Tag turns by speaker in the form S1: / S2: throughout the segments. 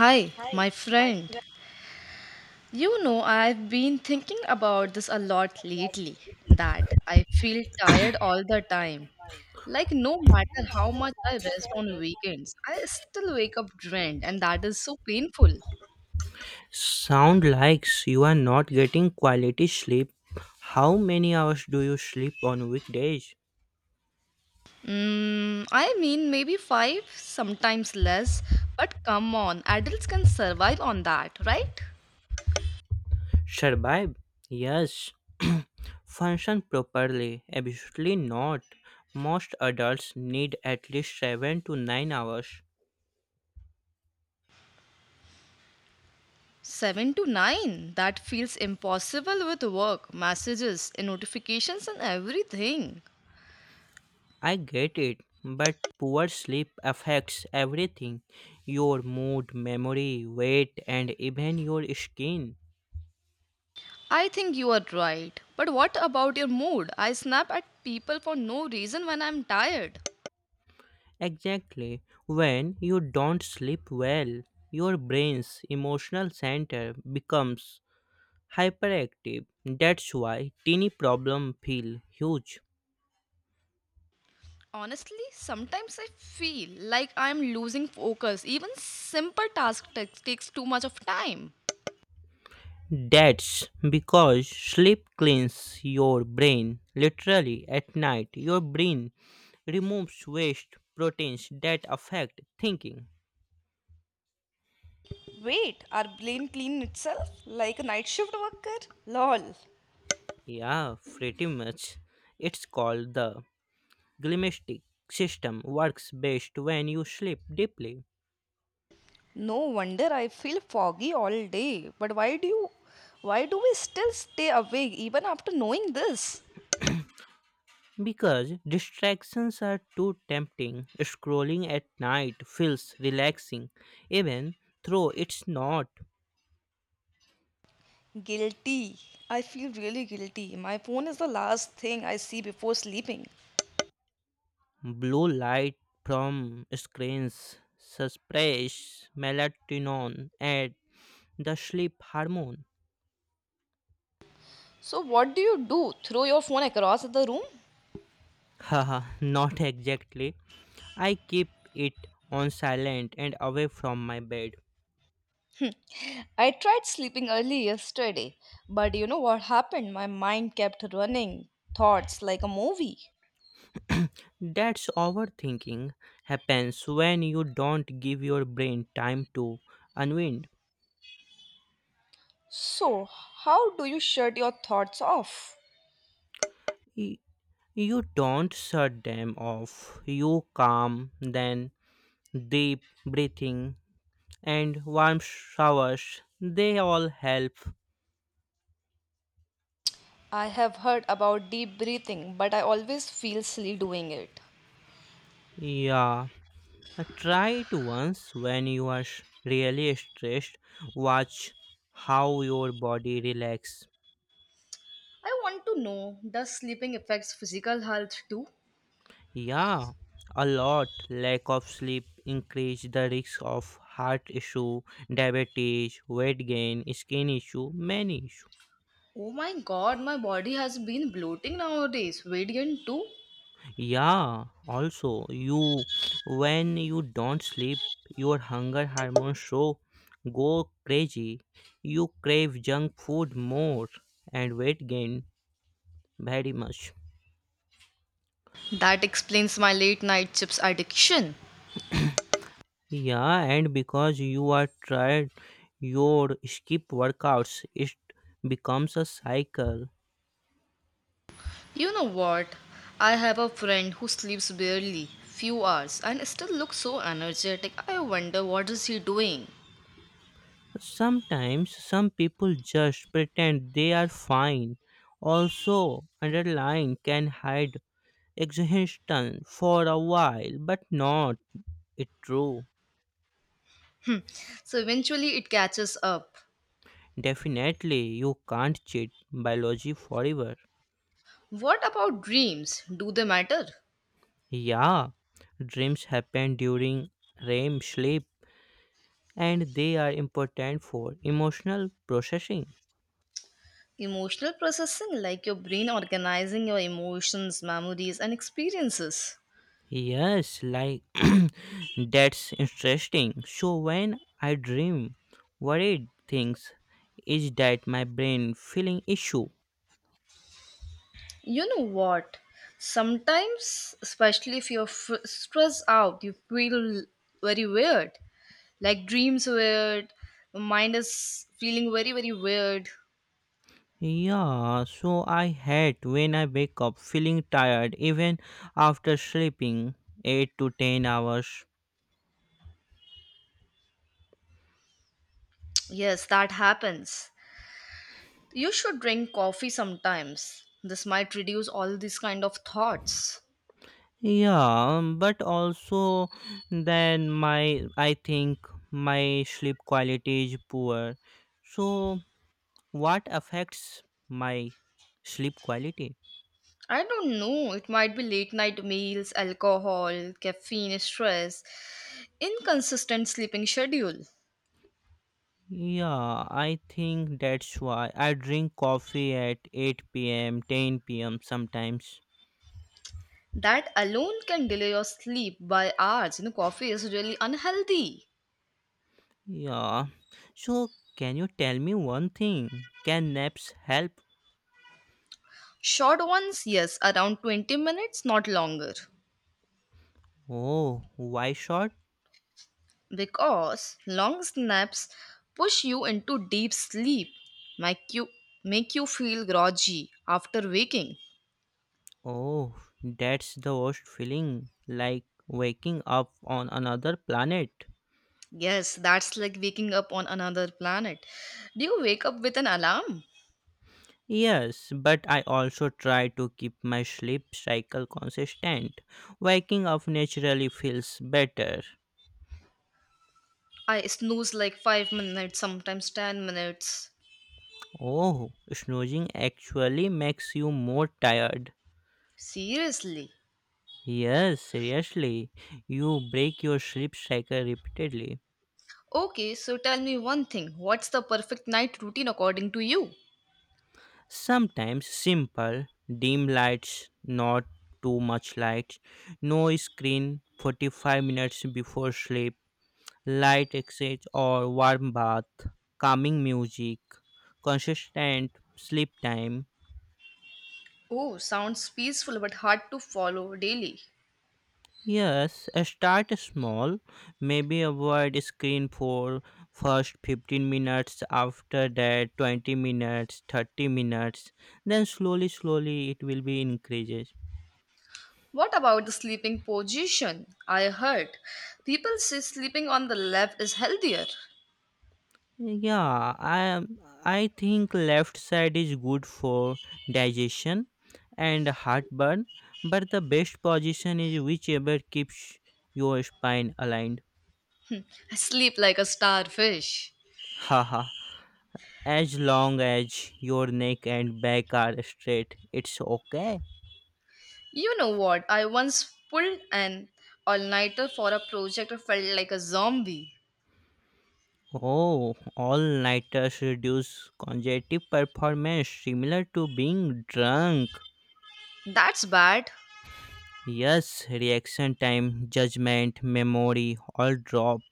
S1: Hi, my friend. You know, I've been thinking about this a lot lately that I feel tired all the time. Like, no matter how much I rest on weekends, I still wake up drained, and that is so painful.
S2: Sound likes you are not getting quality sleep. How many hours do you sleep on weekdays?
S1: Maybe five, sometimes less, but come on, adults can survive on that, right?
S2: Survive? Yes. Function properly? Absolutely not. Most adults need at least 7 to 9 hours.
S1: Seven to nine, that feels impossible with work, messages, and notifications, and everything.
S2: I get it, but poor sleep affects everything, your mood, memory, weight, and even your skin.
S1: I think you are right. But what about your mood? I snap at people for no reason when I'm tired.
S2: Exactly. When you don't sleep well, your brain's emotional center becomes hyperactive. That's why teeny problems feel huge.
S1: Honestly, sometimes I feel like I'm losing focus. Even simple task takes too much of time.
S2: That's because sleep cleans your brain. Literally, at night, your brain removes waste proteins that affect thinking.
S1: Wait, our brain clean itself like a night shift worker? Lol.
S2: Yeah, pretty much. It's called the glymphatic system, works best when you sleep deeply.
S1: No wonder I feel foggy all day. But why do we still stay awake even after knowing this?
S2: Because distractions are too tempting, scrolling at night feels relaxing, even though it's not.
S1: Guilty. I feel really guilty. My phone is the last thing I see before sleeping.
S2: Blue light from screens suppresses melatonin and the sleep hormone.
S1: So, what do you do? Throw your phone across the room?
S2: Haha, not exactly. I keep it on silent and away from my bed.
S1: I tried sleeping early yesterday, but you know what happened? My mind kept running thoughts like a movie.
S2: That's overthinking, happens when you don't give your brain time to unwind.
S1: So, how do you shut your thoughts off?
S2: E, you don't shut them off. You calm then, deep breathing and warm showers. They all help.
S1: I have heard about deep breathing, but I always feel silly doing it.
S2: Yeah. Try it once when you are really stressed. Watch how your body relax.
S1: I want to know does sleeping affects physical health too?
S2: Yeah. A lot, lack of sleep increase the risk of heart issue, diabetes, weight gain, skin issue, many issue.
S1: Oh my god, my body has been bloating nowadays. Radiant too?
S2: Yeah, also you, when you don't sleep, your hunger hormones show go crazy. You crave junk food more and weight gain very much.
S1: That explains my late night chips addiction.
S2: Yeah, and because you are tired, your skip workouts, it becomes a cycle.
S1: You know what? I have a friend who sleeps barely few hours and still looks so energetic. I wonder what is he doing.
S2: Sometimes some people just pretend they are fine. Also, underlying can hide exhaustion for a while, but not it true.
S1: So eventually it catches up.
S2: Definitely, you can't cheat biology forever.
S1: What about dreams? Do they matter?
S2: Yeah, dreams happen during REM sleep and they are important for emotional processing.
S1: Emotional processing like your brain organizing your emotions, memories and experiences.
S2: Yes, like that's interesting. So, when I dream worried things, is that my brain feeling issue?
S1: You know what? Sometimes, especially if stressed out, you feel very weird. Like dreams weird, mind is feeling very, very weird.
S2: Yeah, so I hate when I wake up feeling tired even after sleeping 8 to 10 hours.
S1: Yes, that happens. You should drink coffee sometimes. This might reduce all these kind of thoughts.
S2: Yeah, but also then my I think my sleep quality is poor. So what affects my sleep quality?
S1: I don't know. It might be late night meals, alcohol, caffeine, stress, inconsistent sleeping schedule.
S2: Yeah, I think that's why I drink coffee at 8 p.m., 10 p.m. sometimes.
S1: That alone can delay your sleep by hours. You know, coffee is really unhealthy.
S2: Yeah. So, can you tell me one thing? Can naps help?
S1: Short ones, yes, around 20 minutes, not longer.
S2: Oh, why short?
S1: Because long naps push you into deep sleep, make you, make you feel groggy after waking.
S2: Oh, that's the worst feeling. Like waking up on another planet.
S1: Yes, that's like waking up on another planet. Do you wake up with an alarm?
S2: Yes, but I also try to keep my sleep cycle consistent. Waking up naturally feels better.
S1: I snooze like 5 minutes, sometimes 10 minutes.
S2: Oh, snoozing actually makes you more tired.
S1: Seriously.
S2: Yes, seriously. You break your sleep cycle repeatedly.
S1: Okay, so tell me one thing. What's the perfect night routine according to you?
S2: Sometimes simple, dim lights, not too much light, no screen 45 minutes before sleep, light exchange or warm bath, calming music, consistent sleep time.
S1: Oh, sounds peaceful but hard to follow daily.
S2: Yes, start small, maybe avoid screen for first 15 minutes, after that 20 minutes, 30 minutes, then slowly it will be increases.
S1: What about the sleeping position? I heard people say sleeping on the left is healthier.
S2: Yeah, I am. I think left side is good for digestion and heartburn, but the best position is whichever keeps your spine aligned.
S1: I sleep like a starfish.
S2: Haha. As long as your neck and back are straight, it's okay.
S1: You know what? I once pulled an all nighter for a project and felt like a zombie.
S2: Oh, all nighters reduce congestive performance similar to being drunk.
S1: That's bad.
S2: Yes, reaction time, judgment, memory all drop.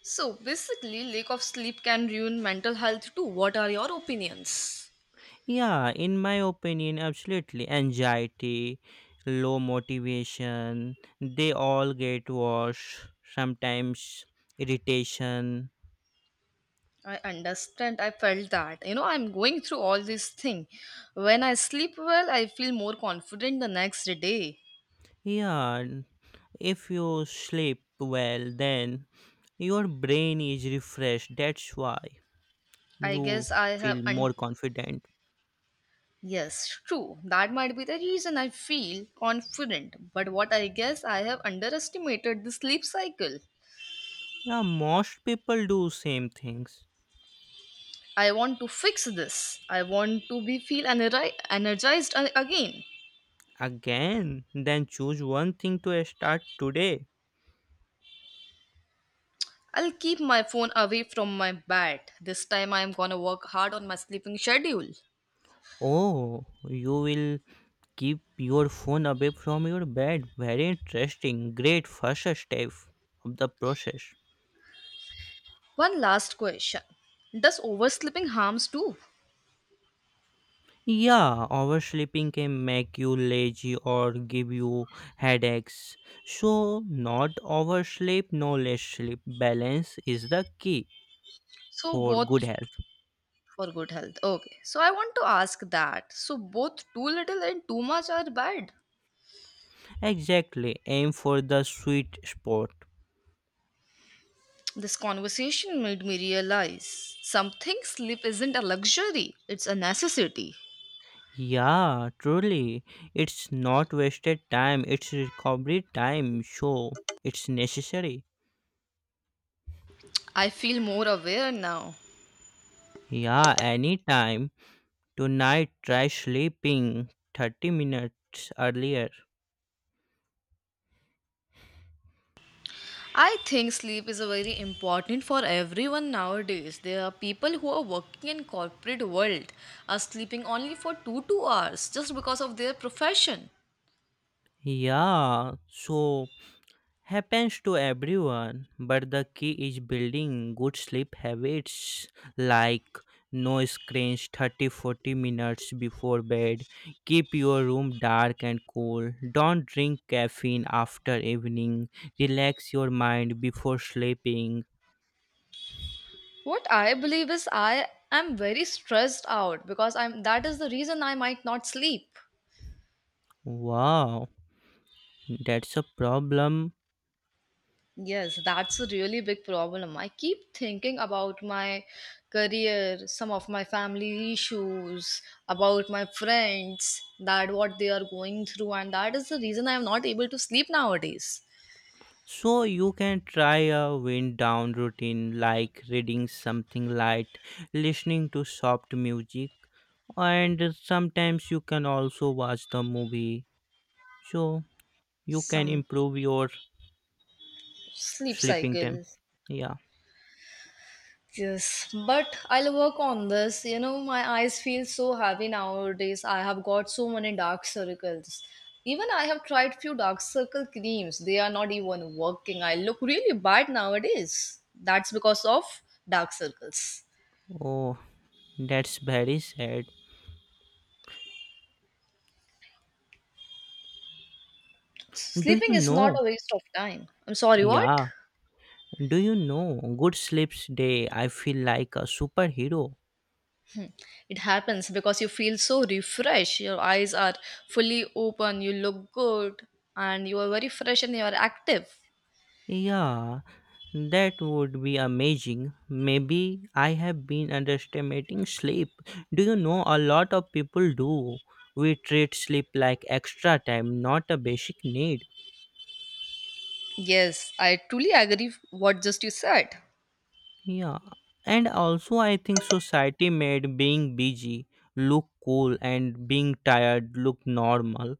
S1: So basically, lack of sleep can ruin mental health too. What are your opinions?
S2: Yeah, in my opinion, absolutely. Anxiety, low motivation, they all get worse. Sometimes irritation.
S1: I understand. I felt that. You know, I'm going through all this thing. When I sleep well, I feel more confident the next day.
S2: Yeah, if you sleep well, then your brain is refreshed. That's why
S1: I
S2: you
S1: guess I have
S2: feel more
S1: un-
S2: confident.
S1: yes, true. That might be the reason I feel confident. But what I guess I have underestimated the sleep cycle.
S2: Yeah, most people do same things.
S1: I want to fix this. I want to energized again.
S2: Again, then choose one thing to start today.
S1: I'll keep my phone away from my bed. This time I am gonna work hard on my sleeping schedule.
S2: Oh, you will keep your phone away from your bed. Very interesting. Great first step of the process.
S1: One last question. Does oversleeping harms too?
S2: Yeah, oversleeping can make you lazy or give you headaches. So, not oversleep, no less sleep. Balance is the key
S1: So
S2: for good
S1: both
S2: health.
S1: for good health. Okay. So I want to ask that. So both too little and too much are bad.
S2: Exactly. Aim for the sweet spot.
S1: This conversation made me realize something sleep isn't a luxury, it's a necessity.
S2: Yeah, truly. It's not wasted time, it's recovery time. So, it's necessary.
S1: I feel more aware now.
S2: Yeah, anytime. Tonight, try sleeping 30 minutes earlier.
S1: I think sleep is a very important for everyone nowadays. There are people who are working in corporate world are sleeping only for 2 hours just because of their profession.
S2: Yeah, so happens to everyone, but the key is building good sleep habits like no screens 30-40 minutes before bed. Keep your room dark and cool. Don't drink caffeine after evening. Relax your mind before sleeping.
S1: What I believe is I am very stressed out because I'm that is the reason I might not sleep.
S2: Wow, that's a problem.
S1: Yes, that's a really big problem. I keep thinking about my career, some of my family issues, about my friends, that what they are going through and that is the reason I am not able to sleep nowadays.
S2: So you can try a wind down routine like reading something light, listening to soft music, and sometimes you can also watch the movie. So you can
S1: Some
S2: improve your
S1: sleep
S2: sleeping time.
S1: cycle.
S2: Yeah.
S1: Yes, but I'll work on this. You know, my eyes feel so heavy nowadays. I have got so many dark circles. Even I have tried few dark circle creams. They are not even working. I look really bad nowadays. That's because of dark circles.
S2: Oh, that's very sad. Do
S1: Sleeping
S2: you
S1: is not
S2: know?
S1: a waste of time. I'm sorry, what?
S2: Yeah. Do you know? Good sleeps day. I feel like a superhero.
S1: It happens because you feel so refreshed. Your eyes are fully open. You look good and you are very fresh and you are active.
S2: Yeah. That would be amazing. Maybe I have been underestimating sleep. Do you know a lot of people do? We treat sleep like extra time, not a basic need.
S1: Yes, I truly agree what just you said.
S2: Yeah. And also, I think society made being busy look cool and being tired look normal.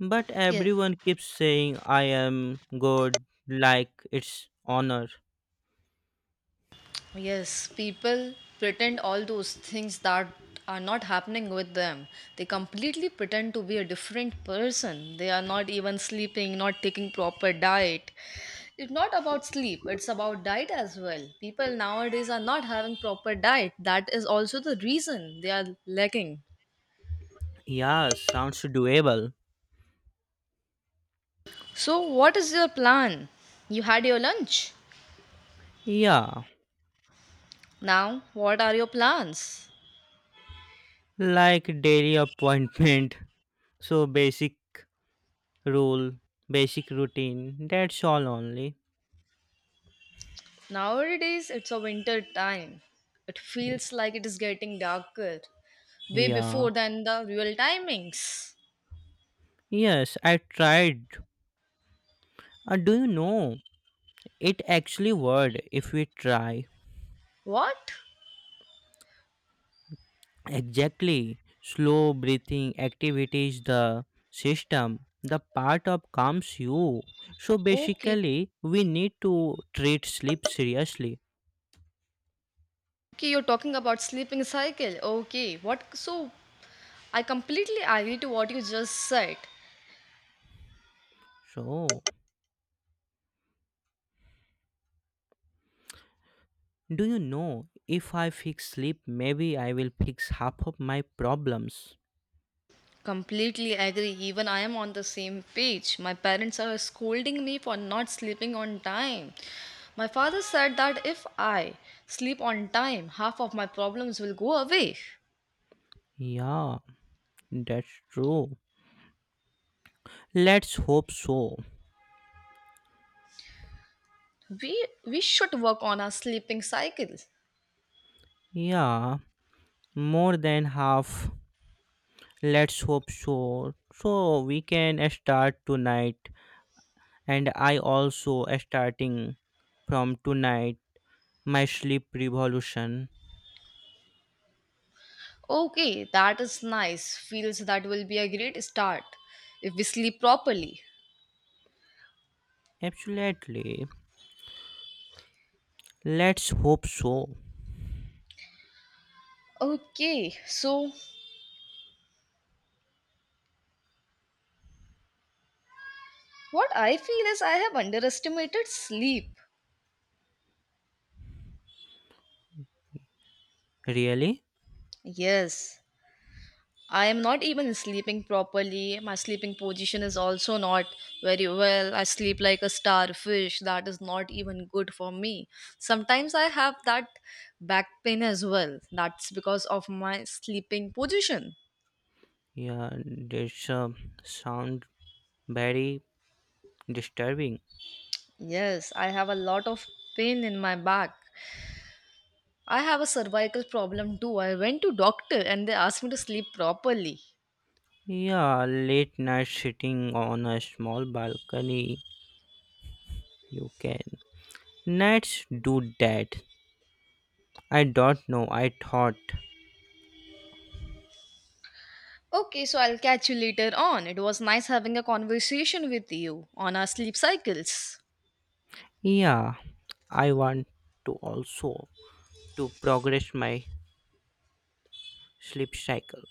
S2: But
S1: Yeah.
S2: everyone keeps saying, I am good, like it's honor.
S1: Yes, people pretend all those things that are not happening with them. They completely pretend to be a different person. They are not even sleeping, not taking proper diet. It's not about sleep, it's about diet as well. People nowadays are not having proper diet. That is also the reason they are lacking.
S2: Yeah, sounds doable.
S1: So, what is your plan? You had your lunch.
S2: Yeah,
S1: Now, what are your plans?
S2: like daily appointment. So basic rule, basic routine. That's all only.
S1: Nowadays, it's a winter time. It
S2: Y-
S1: feels like it is getting darker way
S2: Yeah.
S1: before than the real timings.
S2: Yes, I tried. Do you know? It actually worked if we try.
S1: What?
S2: Exactly. Slow breathing activities the system. The part of calms you. So
S1: Okay.
S2: basically, we need to treat sleep seriously.
S1: Okay, you're talking about sleeping cycle. Okay. What? So, I completely agree to what you just said.
S2: So, do you know? If I fix sleep, maybe I will fix half of my problems.
S1: Completely agree. Even I am on the same page. My parents are scolding me for not sleeping on time. My father said that if I sleep on time, half of my problems will go away.
S2: Yeah. That's true. Let's hope so.
S1: we we should work on our sleeping cycles.
S2: Yeah, more than half. Let's hope so. So we can start tonight, and I also starting from tonight my sleep revolution.
S1: Okay, that is nice feels that will be a great start if we sleep properly.
S2: Absolutely. Let's hope so.
S1: Okay, so what I feel is I have underestimated sleep.
S2: Really?
S1: Yes, I am not even sleeping properly. My sleeping position is also not very well. I sleep like a starfish. That is not even good for me. Sometimes I have that back pain as well. That's because of my sleeping position.
S2: Yeah, this sound very disturbing.
S1: Yes, I have a lot of pain in my back. I have a cervical problem too. I went to doctor and they asked me to sleep properly.
S2: Yeah, late night sitting on a small balcony. You can. Let's do that. I don't know. I thought,
S1: Okay, so I'll catch you later on. It was nice having a conversation with you on our sleep cycles.
S2: yeah, I want to also to progress my sleep cycle.